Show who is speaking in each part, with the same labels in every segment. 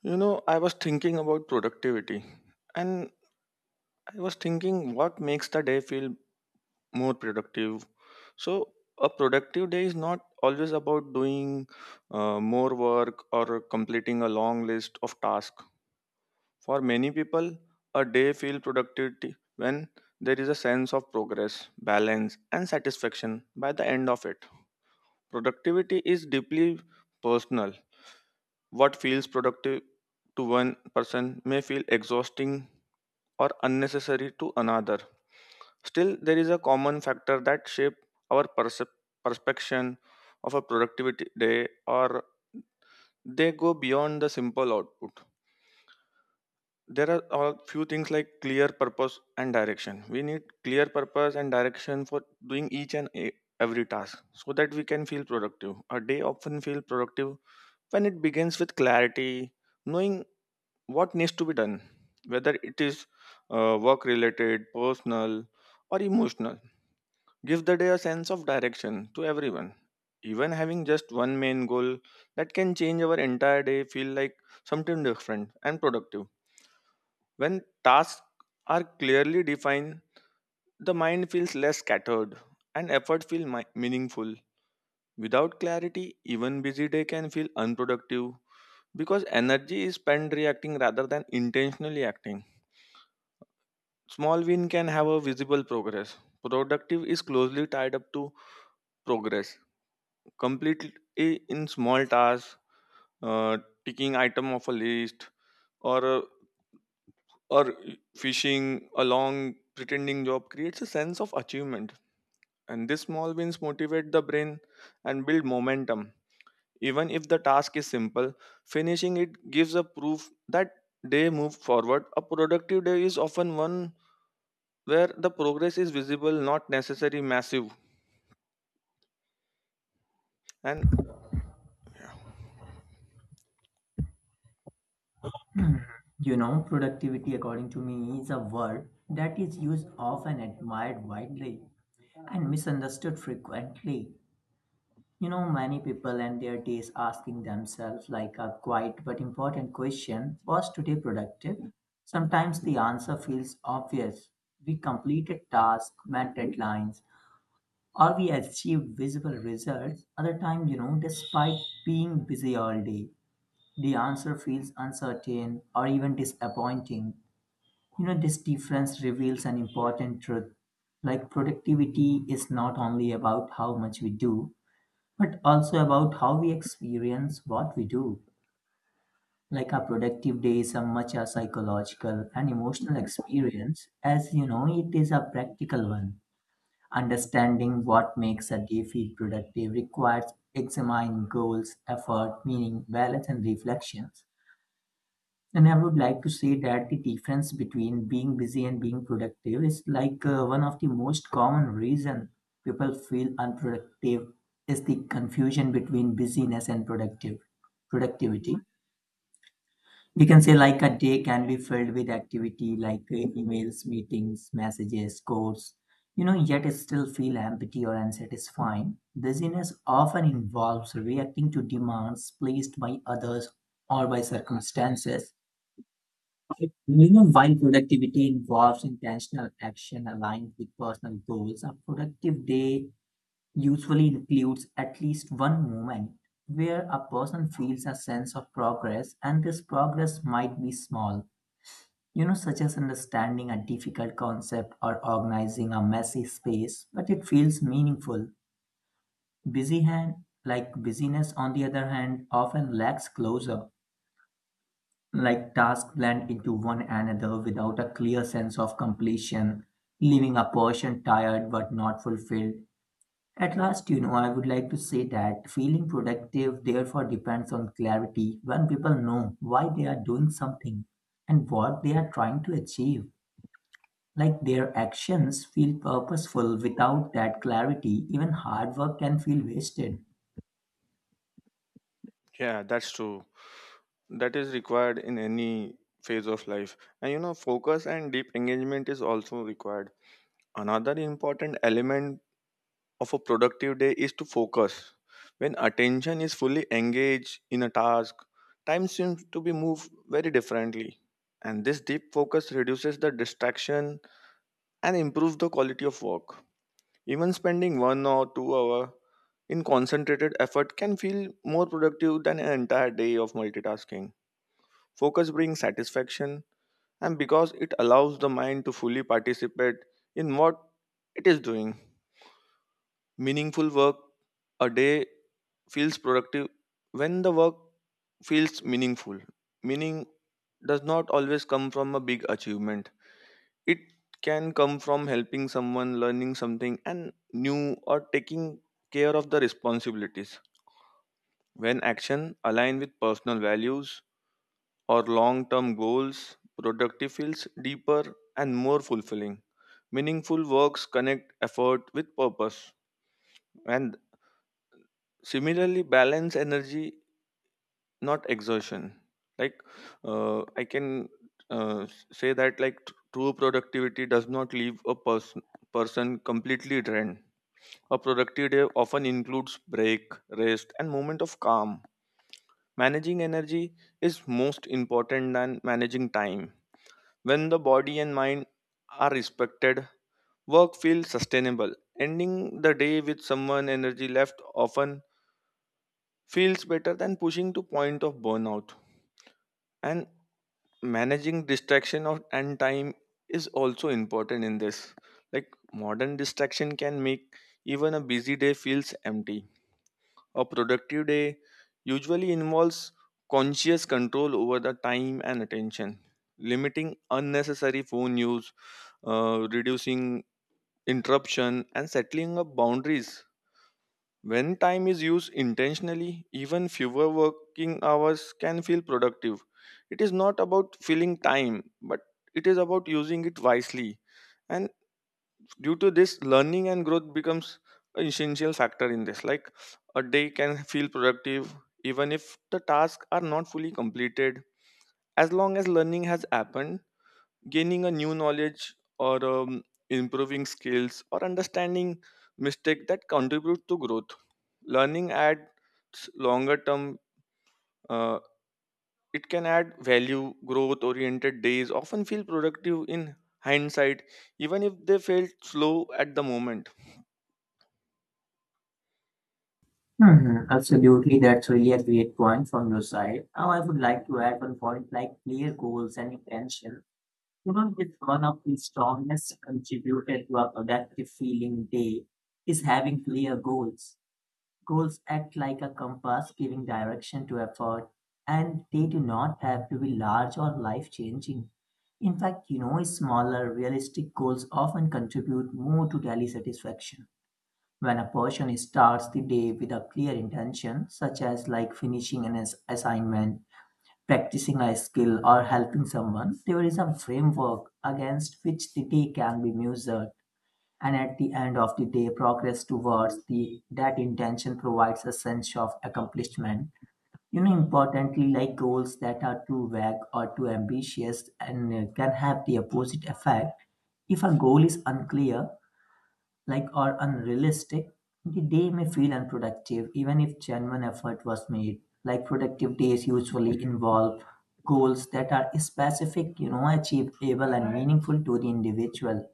Speaker 1: I was thinking about productivity and I was thinking what makes the day feel more productive. So, a productive day is not always about doing more work or completing a long list of tasks. For many people, a day feels productive when there is a sense of progress, balance, and satisfaction by the end of it. Productivity is deeply personal. What feels productive to one person may feel exhausting or unnecessary to another. Still, there is a common factor that shape our perception of a productivity day or they go beyond the simple output. There are a few things like clear purpose and direction. We need clear purpose and direction for doing each and every task so that we can feel productive. A day often feel productive when it begins with clarity, knowing what needs to be done, whether it is work related, personal, or emotional. Give the day a sense of direction to everyone. Even having just one main goal that can change our entire day feel like something different and productive. When tasks are clearly defined, the mind feels less scattered and effort feel meaningful. Without clarity, even busy day can feel unproductive because energy is spent reacting rather than intentionally acting. Small win can have a visible progress. Productive is closely tied up to progress. Completely in small tasks, uh, ticking item of a list, or uh, or fishing a long pretending job creates a sense of achievement. And these small wins motivate the brain and build momentum. Even if the task is simple, finishing it gives a proof that they move forward. A productive day is often one where the progress is visible, not necessarily massive. And
Speaker 2: Productivity, according to me, is a word that is used often, admired widely, and misunderstood frequently. Many people end their days asking themselves, like a quiet but important question, was today productive? Sometimes the answer feels obvious. We completed tasks, met deadlines, or we achieved visible results. Other time, despite being busy all day, the answer feels uncertain or even disappointing. This difference reveals an important truth. Like productivity is not only about how much we do, but also about how we experience what we do. Like a productive day is as much a psychological and emotional experience as it is a practical one. Understanding what makes a day feel productive requires examining goals, effort, meaning, balance, and reflection. And I would like to say that the difference between being busy and being productive is like one of the most common reason people feel unproductive is the confusion between busyness and productive productivity. We can say like a day can be filled with activity like emails, meetings, messages, codes, yet it still feel empty or unsatisfying. Busyness often involves reacting to demands placed by others or by circumstances, while productivity involves intentional action aligned with personal goals. A productive day usually includes at least one moment where a person feels a sense of progress, and this progress might be small, such as understanding a difficult concept or organizing a messy space, but it feels meaningful. Busy hand, like busyness, on the other hand, often lacks closure, like tasks blend into one another without a clear sense of completion, leaving a person tired but not fulfilled. At last, I would like to say that feeling productive therefore depends on clarity when people know why they are doing something and what they are trying to achieve. Like their actions feel purposeful. Without that clarity, even hard work can feel wasted.
Speaker 1: yeah, that's true. That is required in any phase of life. And focus and deep engagement is also required. Another important element of a productive day is to focus. When attention is fully engaged in a task, time seems to be moved very differently. And this deep focus reduces the distraction and improves the quality of work. Even spending 1 or 2 hours in concentrated effort can feel more productive than an entire day of multitasking. Focus brings satisfaction, and because it allows the mind to fully participate in what it is doing. Meaningful work a day feels productive when the work feels meaningful. Meaning does not always come from a big achievement. It can come from helping someone, learning something and new, or taking care of the responsibilities. When action align with personal values or long-term goals, productive feels deeper and more fulfilling. Meaningful works connect effort with purpose, and similarly balance energy, not exertion. Like I can say that like true productivity does not leave a person completely drained. A productive day often includes break, rest, and moment of calm. Managing energy is most important than managing time. When the body and mind are respected, work feels sustainable. Ending the day with someone energy left often feels better than pushing to point of burnout. And managing distraction of and time is also important in this. Like modern distraction can make even a busy day feels empty. A productive day usually involves conscious control over the time and attention, limiting unnecessary phone use, reducing interruption, and settling up boundaries. When time is used intentionally, even fewer working hours can feel productive. It is not about filling time, but it is about using it wisely. And due to this learning and growth becomes an essential factor in this, like a day can feel productive even if the tasks are not fully completed as long as learning has happened, gaining a new knowledge or improving skills or understanding mistake that contribute to growth. Learning adds longer term uh, it can add value. Growth oriented days often feel productive in hindsight, even if they felt slow at the moment.
Speaker 2: Mhm. Absolutely, that's really a great point from your side. Now, I would like to add one point like clear goals and intention. It's one of the strongest contributor to a productive feeling day is having clear goals. Goals act like a compass giving direction to effort, and they do not have to be large or life changing. In fact, smaller, realistic goals often contribute more to daily satisfaction. When a person starts the day with a clear intention, such as like finishing an assignment, practicing a skill, or helping someone, there is a framework against which the day can be measured. And at the end of the day, progress towards the that intention provides a sense of accomplishment. Importantly, like goals that are too vague or too ambitious and can have the opposite effect. If a goal is unclear, like are unrealistic, the day may feel unproductive even if genuine effort was made. Like productive days usually involve goals that are specific, achievable and meaningful to the individual.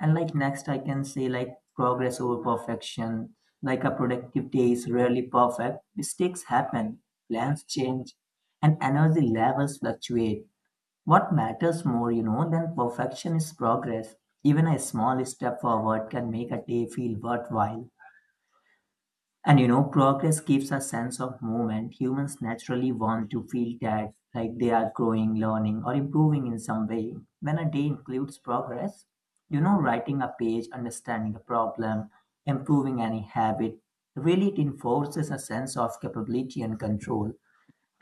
Speaker 2: And like next I can say like progress over perfection. Like a productive day is rarely perfect. Mistakes happen, plans change, and energy levels fluctuate. What matters more, than perfection is progress. Even a small step forward can make a day feel worthwhile. And progress gives a sense of movement. Humans naturally want to feel that like they are growing, learning, or improving in some way. When a day includes progress, writing a page, understanding a problem, improving any habit, really it enforces a sense of capability and control.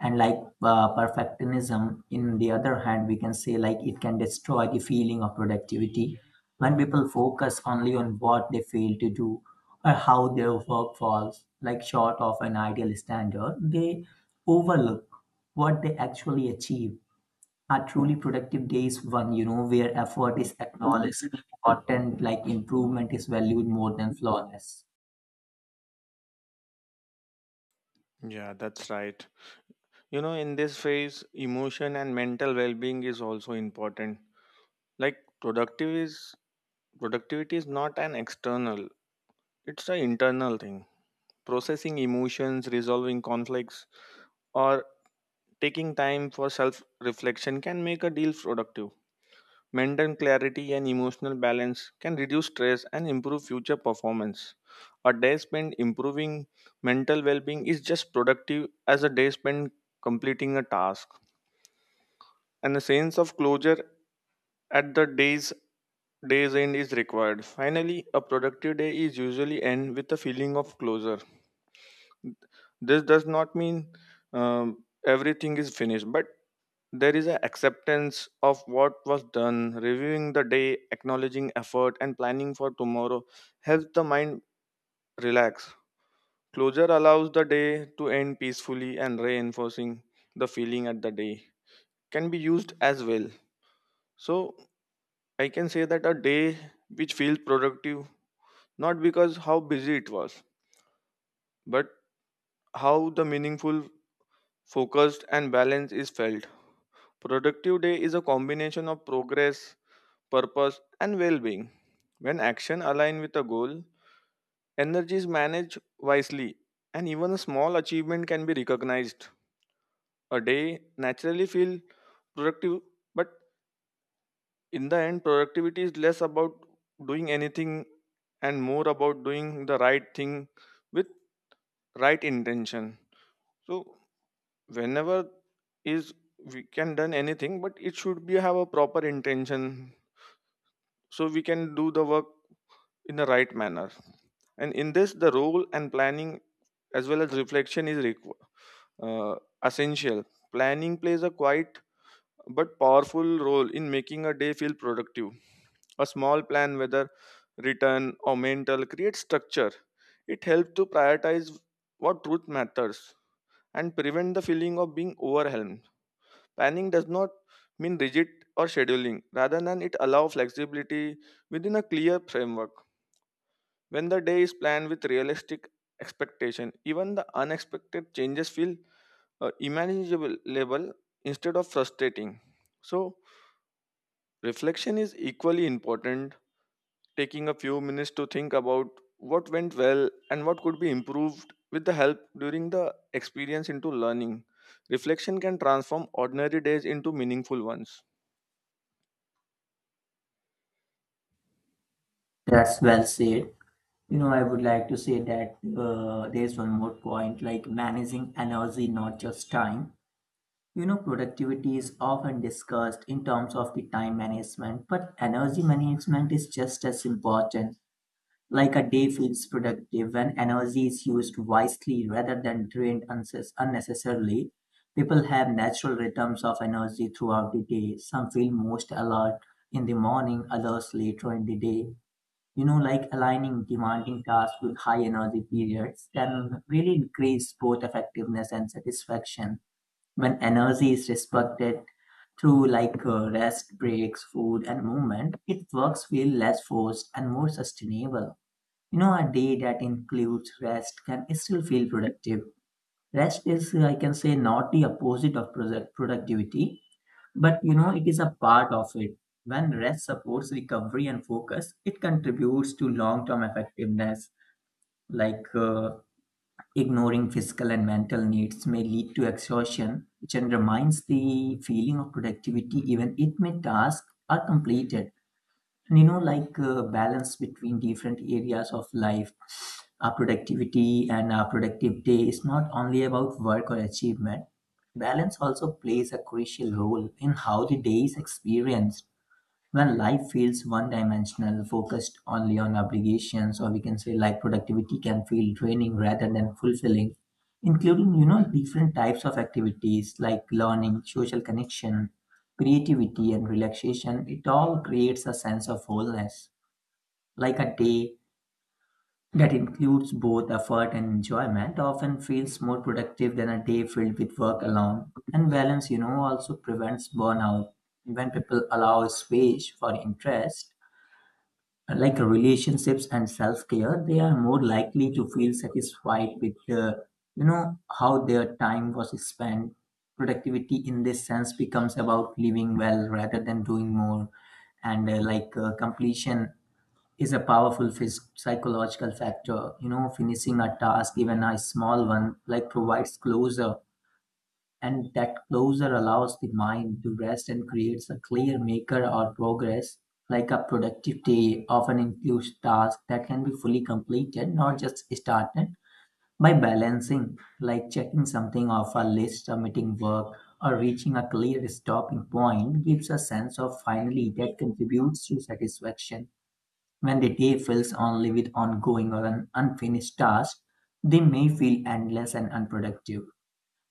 Speaker 2: And like perfectionism in the other hand we can say like it can destroy the feeling of productivity when people focus only on what they fail to do or how their work falls like short of an ideal standard. They overlook what they actually achieve. A truly productive day is one where effort is acknowledged, important like improvement is valued more than flawless.
Speaker 1: Yeah, that's right. In this phase, emotion and mental well-being is also important. Like productive is productivity is not an external, it's an internal thing. Processing emotions, resolving conflicts, or taking time for self-reflection can make a deal productive. Mental clarity and emotional balance can reduce stress and improve future performance. A day spent improving mental well being is just productive as a day spent completing a task, and a sense of closure at the day's end is required. Finally, a productive day is usually end with a feeling of closure. This does not mean everything is finished, but there is an acceptance of what was done, reviewing the day, acknowledging effort, and planning for tomorrow helps the mind relax. Closure allows the day to end peacefully and reinforcing the feeling at the day can be used as well. So I can say that a day which feels productive not because how busy it was, but how the meaningful, focused, and balance is felt. Productive day is a combination of progress, purpose, and well being. When action aligns with a goal, energy is managed wisely, and even a small achievement can be recognized. A day naturally feels productive, but in the end, productivity is less about doing anything and more about doing the right thing with right intention. So, whenever is we can done anything, but it should be have a proper intention so we can do the work in the right manner. And in this, the role and planning as well as reflection is uh, essential. Planning plays a quiet but powerful role in making a day feel productive. A small plan, whether written or mental, creates structure. It helps to prioritize what truth matters and prevent the feeling of being overwhelmed. Planning does not mean rigid or scheduling, rather than it allow flexibility within a clear framework. When the day is planned with realistic expectation, even the unexpected changes feel manageable instead of frustrating. So, reflection is equally important, taking a few minutes to think about what went well and what could be improved with the help during the experience into learning. Reflection can transform ordinary days into meaningful ones.
Speaker 2: That's well said. I would like to say that there's one more point like managing energy, not just time. Productivity is often discussed in terms of the time management, but energy management is just as important. Like a day feels productive when energy is used wisely rather than drained unnecessarily. People have natural rhythms of energy throughout the day. Some feel most alert in the morning, others later in the day, like aligning demanding tasks with high energy periods can really increase both effectiveness and satisfaction. When energy is respected through like rest breaks, food and movement, it works feel less forced and more sustainable. A day that includes rest can still feel productive. Rest is I can say not the opposite of productivity, but it is a part of it. When rest supports recovery and focus, it contributes to long term effectiveness. Like ignoring physical and mental needs may lead to exhaustion, which undermines the feeling of productivity even if my tasks are completed. And like balance between different areas of life, our productivity and our productive day is not only about work or achievement. Balance also plays a crucial role in how the day is experienced. When life feels one-dimensional, focused only on obligations, or we can say like productivity can feel draining rather than fulfilling, including, different types of activities like learning, social connection, creativity, and relaxation, it all creates a sense of wholeness. Like a day that includes both effort and enjoyment often feels more productive than a day filled with work alone. And balance, also prevents burnout. When people allow space for interest, like relationships and self-care, they are more likely to feel satisfied with how their time was spent. Productivity in this sense becomes about living well rather than doing more, and like completion is a powerful psychological factor. Finishing a task, even a small one, like provides closure, and that closure allows the mind to rest and creates a clear maker or progress. Like a productive day often includes tasks that can be fully completed, not just started. By balancing like checking something off a list, submitting work, or reaching a clear stopping point gives a sense of finally that contributes to satisfaction. When the day fills only with ongoing or an unfinished task, they may feel endless and unproductive.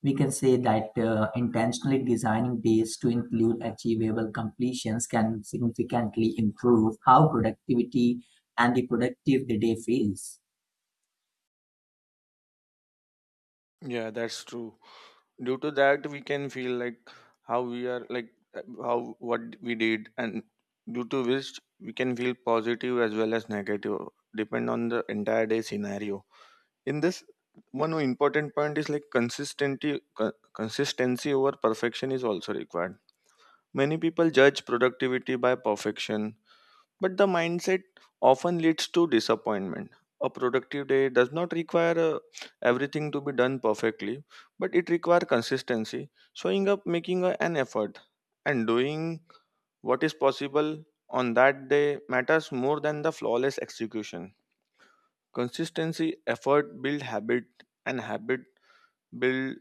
Speaker 2: We can say that intentionally designing days to include achievable completions can significantly improve how productivity and the productive the day feels.
Speaker 1: Yeah, that's true. Due to that we can feel like how we are like uh, how what we did, and due to which we can feel positive as well as negative depend on the entire day scenario. In this, one important point is like consistency over perfection is also required. Many people judge productivity by perfection, but the mindset often leads to disappointment. A productive day does not require everything to be done perfectly, but it requires consistency, showing up, making an effort, and doing what is possible on that day matters more than the flawless execution. Consistency, effort build habit, and habit build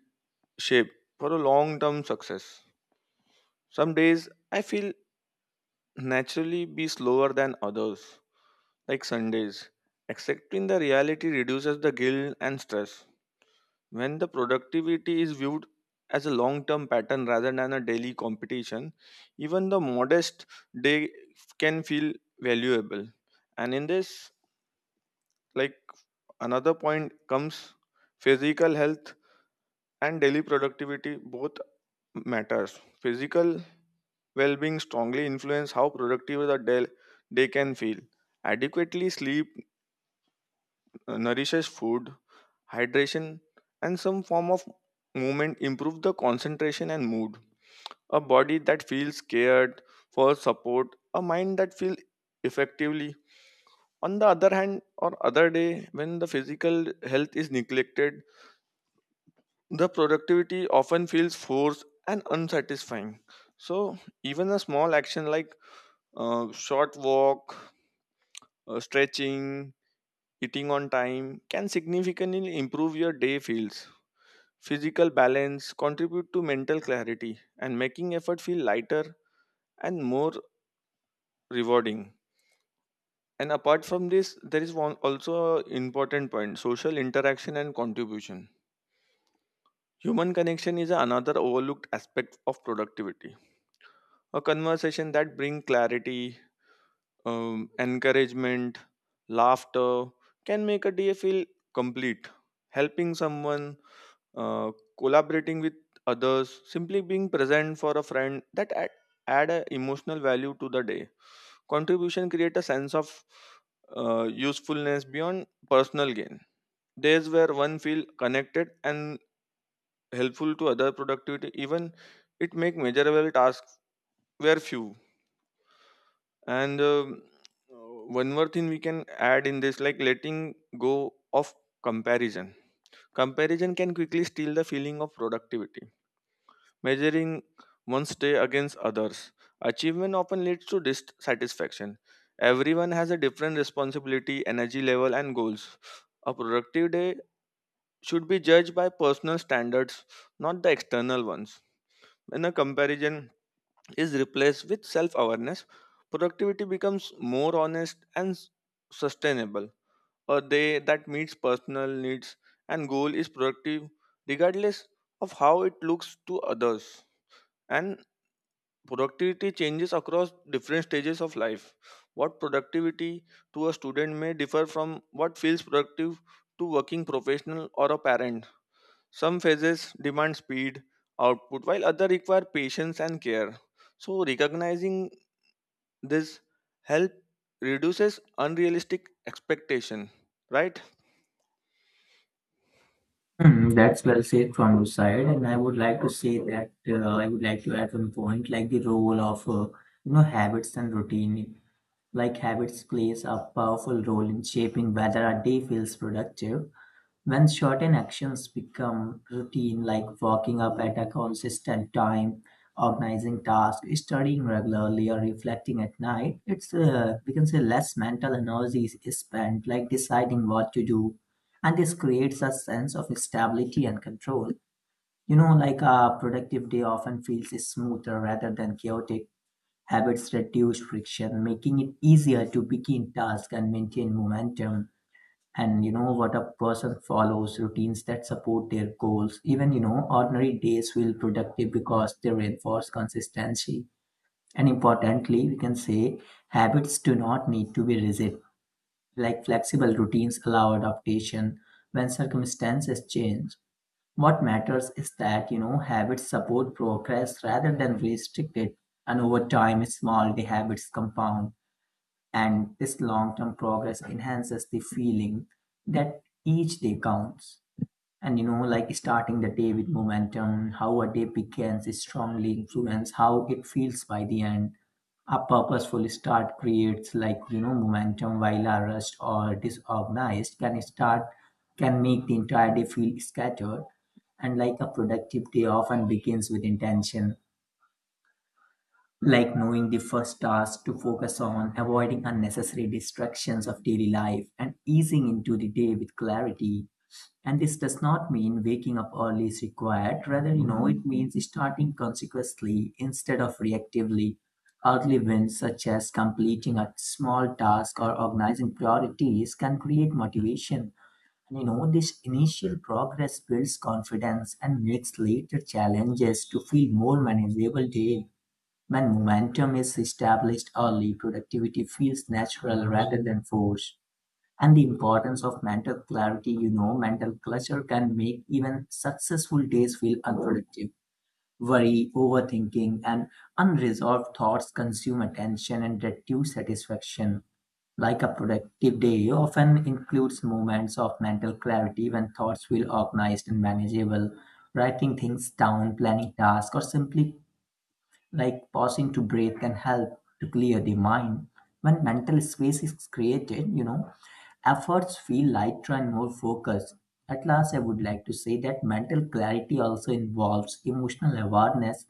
Speaker 1: shape for a long term success. Some days I feel naturally be slower than others, like Sundays. Accepting the reality reduces the guilt and stress. When the productivity is viewed as a long term pattern rather than a daily competition, even the modest day can feel valuable. And in this, like another point comes, physical health and daily productivity both matters. Physical well being strongly influence how productive the day can feel. Adequately sleep, nourishes food, hydration, and some form of movement improve the concentration and mood. A body that feels cared for support, a mind that feels effectively. On the other hand, or other day, when the physical health is neglected, the productivity often feels forced and unsatisfying. So, even a small action like short walk, stretching, eating on time can significantly improve your day feels. Physical balance contribute to mental clarity and making effort feel lighter and more rewarding. And apart from this, there is one also a important point: social interaction and contribution. Human connection is another overlooked aspect of productivity. A conversation that bring clarity, encouragement, laughter can make a day feel complete. Helping someone, uh, collaborating with others, simply being present for a friend that add a emotional value to the day. Contribution create a sense of usefulness beyond personal gain. Days where one feel connected and helpful to other productivity, even it make measurable tasks were few. And uh, one more thing we can add in this, like letting go of comparison. Comparison can quickly steal the feeling of productivity measuring one's day against others. Achievement often leads to dissatisfaction. Everyone has a different responsibility, energy level, and goals. A productive day should be judged by personal standards, not the external ones. When a comparison is replaced with self awareness, productivity becomes more honest and sustainable. A day that meets personal needs and goal is productive regardless of how it looks to others. And productivity changes across different stages of life. What productivity to a student may differ from what feels productive to working professional or a parent. Some phases demand speed, output, while others require patience and care. So recognizing this help reduces unrealistic expectation, right?
Speaker 2: Hmm, that's well said from your side, and I would like to say that I would like to add one point, like the role of habits and routine. Like habits plays a powerful role in shaping whether a day feels productive. When certain actions become routine, like waking up at a consistent time, organizing tasks, studying regularly, or reflecting at night, it's we can say less mental energy is spent, like deciding what to do, and this creates a sense of stability and control. Like a productive day often feels smoother rather than chaotic. Habits reduce friction, making it easier to begin tasks and maintain momentum. And what a person follows routines that support their goals, even ordinary days feel productive because they reinforce consistency. And importantly we can say habits do not need to be rigid. Like flexible routines allow adaptation when circumstances change. What matters is that habits support progress rather than restrict it. And over time small the habits compound, and this long term progress enhances the feeling that each day counts. And like starting the day with momentum, how a day begins is strongly influenced how it feels by the end. A purposeful start creates like momentum, while a rushed or disorganized can start can make the entire day feel scattered. And like a productive day often begins with intention, like knowing the first task to focus on, avoiding unnecessary distractions of daily life, and easing into the day with clarity. And this does not mean waking up early is required. Rather, it means starting consequently instead of reactively. Early wins, such as completing a small task or organizing priorities, can create motivation. And this initial progress builds confidence and makes later challenges to feel more manageable daily. When momentum is established early, productivity feels natural rather than forced. And the importance of mental clarity, mental clutter can make even successful days feel unproductive. Worry, overthinking, and unresolved thoughts consume attention and reduce satisfaction. Like a productive day often includes moments of mental clarity when thoughts feel organized and manageable, writing things down, planning tasks, or simply like pausing to breathe can help to clear the mind. When mental space is created, efforts feel lighter and more focused. At last, I would like to say that mental clarity also involves emotional awareness,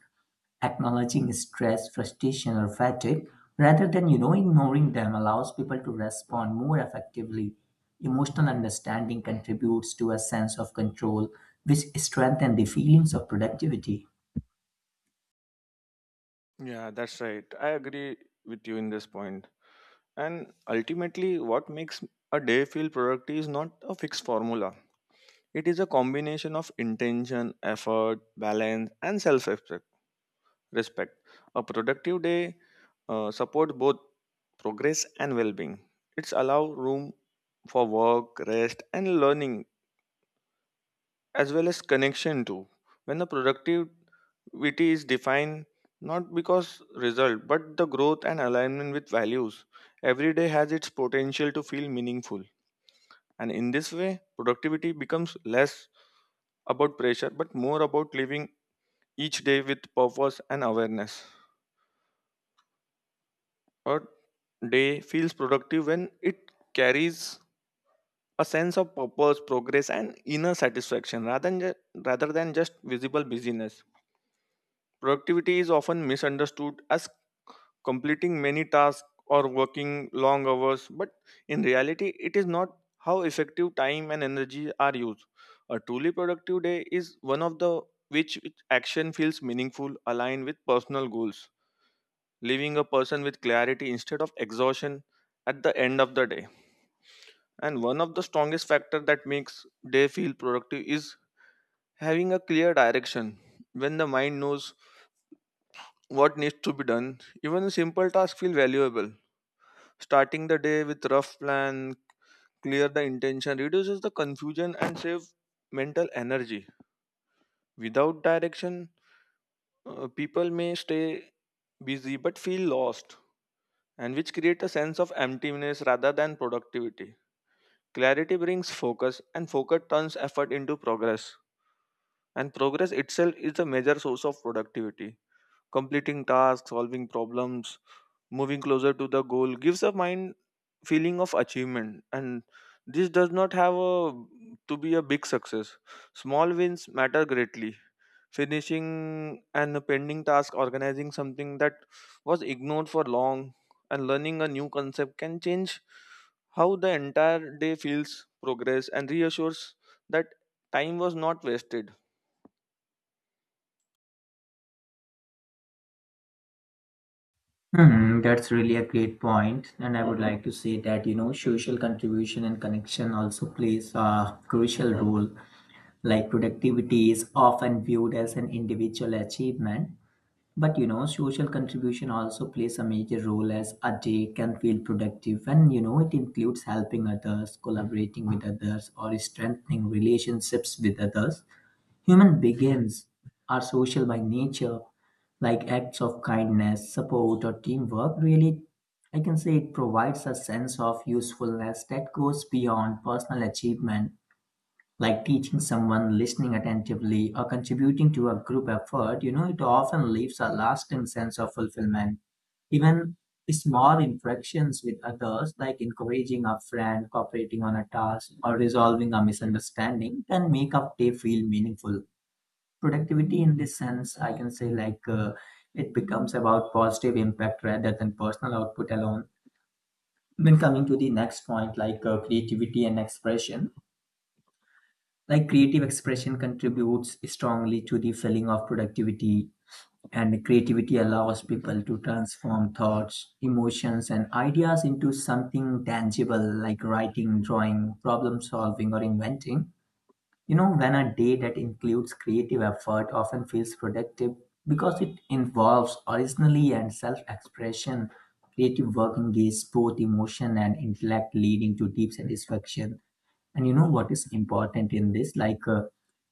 Speaker 2: acknowledging stress, frustration, or fatigue, rather than, ignoring them allows people to respond more effectively. Emotional understanding contributes to a sense of control, which strengthens the feelings of productivity.
Speaker 1: Yeah, that's right. I agree with you in this point. And ultimately, what makes a day feel productive is not a fixed formula. It is a combination of intention, effort, balance, and self respect. A productive day supports both progress and well being. It's allow room for work, rest, and learning, as well as connection too. When the productivity is defined not because result, but the growth and alignment with values, every day has its potential to feel meaningful. And in this way, productivity becomes less about pressure but more about living each day with purpose and awareness. A day feels productive when it carries a sense of purpose, progress, and inner satisfaction rather than just visible busyness. Productivity is often misunderstood as completing many tasks or working long hours, but in reality, it is not how effective time and energy are used. A truly productive day is one of the which action feels meaningful, aligned with personal goals, leaving a person with clarity instead of exhaustion at the end of the day. And one of the strongest factor that makes day feel productive is having a clear direction. When the mind knows what needs to be done, even simple tasks feel valuable. Starting the day with rough plan, clear the intention reduces the confusion and save mental energy. Without direction, people may stay busy but feel lost and which create a sense of emptiness rather than productivity. Clarity brings focus, and focus turns effort into progress. And progress itself is a major source of productivity. Completing tasks, solving problems, moving closer to the goal gives a mind feeling of achievement. And this does not have a, to be a big success. Small wins matter greatly, finishing an pending task, organizing something that was ignored for long, and learning a new concept can change how the entire day feels, progress, and reassures that time was not wasted.
Speaker 2: Hmm, that's really a great point, and I would like to say that social contribution and connection also plays a crucial role. Like productivity is often viewed as an individual achievement, but social contribution also plays a major role as a day can feel productive, and it includes helping others, collaborating with others, or strengthening relationships with others. Human beings are social by nature, like acts of kindness, support, or teamwork. Really, I can say it provides a sense of usefulness that goes beyond personal achievement, like teaching someone, listening attentively, or contributing to a group effort. It often leaves a lasting sense of fulfillment. Even small interactions with others, like encouraging a friend, cooperating on a task, or resolving a misunderstanding, can make a day feel meaningful. Productivity in this sense I can say like it becomes about positive impact rather than personal output alone. When coming to the next point, like creativity and expression, like creative expression contributes strongly to the feeling of productivity. And creativity allows people to transform thoughts, emotions and ideas into something tangible, like writing, drawing, problem solving or inventing. When a day that includes creative effort often feels productive because it involves originality and self expression, creative work engages both emotion and intellect, leading to deep satisfaction. And what is important in this? Like,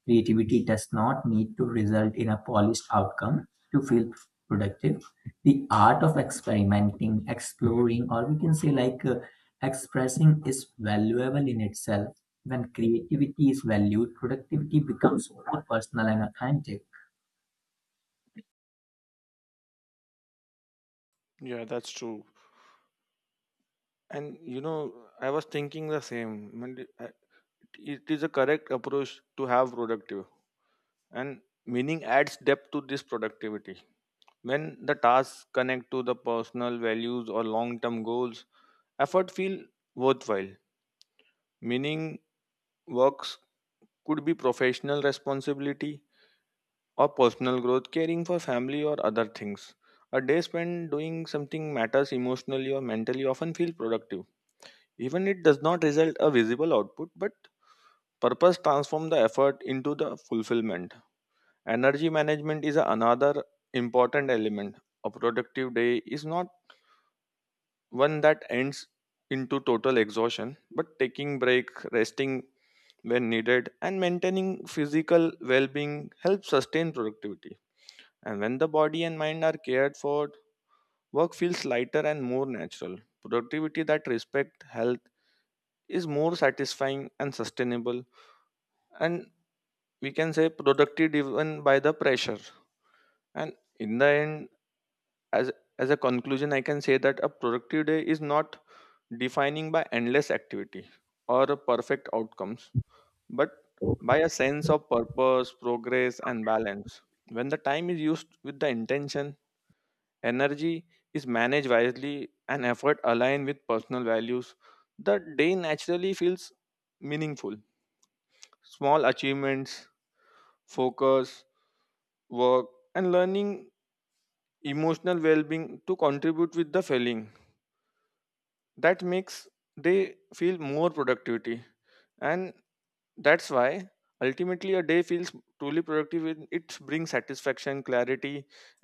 Speaker 2: creativity does not need to result in a polished outcome to feel productive. The art of experimenting, exploring, or we can say like expressing is valuable in itself. When creativity is valued, productivity becomes more personal and authentic.
Speaker 1: Yeah, that's true. And you know, I was thinking the same. When the- uh, It is a correct approach to have productive, and meaning adds depth to this productivity. When the tasks connect to the personal values or long term goals, effort feel worthwhile, meaning works could be professional responsibility or personal growth, caring for family or other things. A day spent doing something matters emotionally or mentally often feel productive. Even it does not result a visible output, but purpose transform the effort into the fulfillment. Energy management is another important element. A productive day is not one that ends into total exhaustion, but taking break, resting, when needed, and maintaining physical well being helps sustain productivity. And when the body and mind are cared for, work feels lighter and more natural. Productivity that respects health is more satisfying and sustainable, and we can say productive even by the pressure. And in the end, as as a conclusion, I can say that a productive day is not defining by endless activity or perfect outcomes but by a sense of purpose, progress, and balance. When the time is used with the intention, energy is managed wisely, and effort aligned with personal values, the day naturally feels meaningful. Small achievements, focus, work, and learning emotional well being to contribute with the feeling that makes they feel more productivity, and that's why ultimately a day feels truly productive when it brings satisfaction, clarity,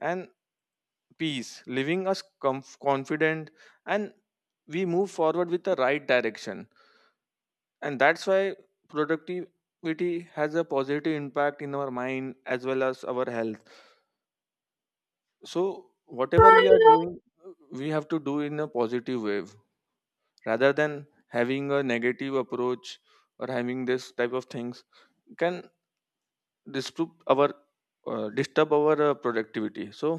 Speaker 1: and peace, leaving us confident and we move forward with the right direction. And that's why productivity has a positive impact in our mind as well as our health. So, whatever we are doing, we have to do in a positive way rather than having a negative approach or having this type of things can disturb our disturb our productivity. So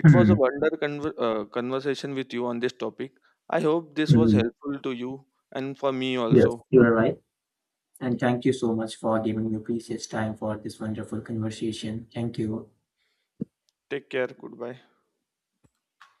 Speaker 1: it was
Speaker 2: Hmm.
Speaker 1: a conversation with you on this topic. I hope this was
Speaker 2: Hmm.
Speaker 1: helpful to you and for me
Speaker 2: Yes,
Speaker 1: also.
Speaker 2: you are right. And thank you so much for giving your precious time for this wonderful conversation. Thank you.
Speaker 1: Take care, goodbye.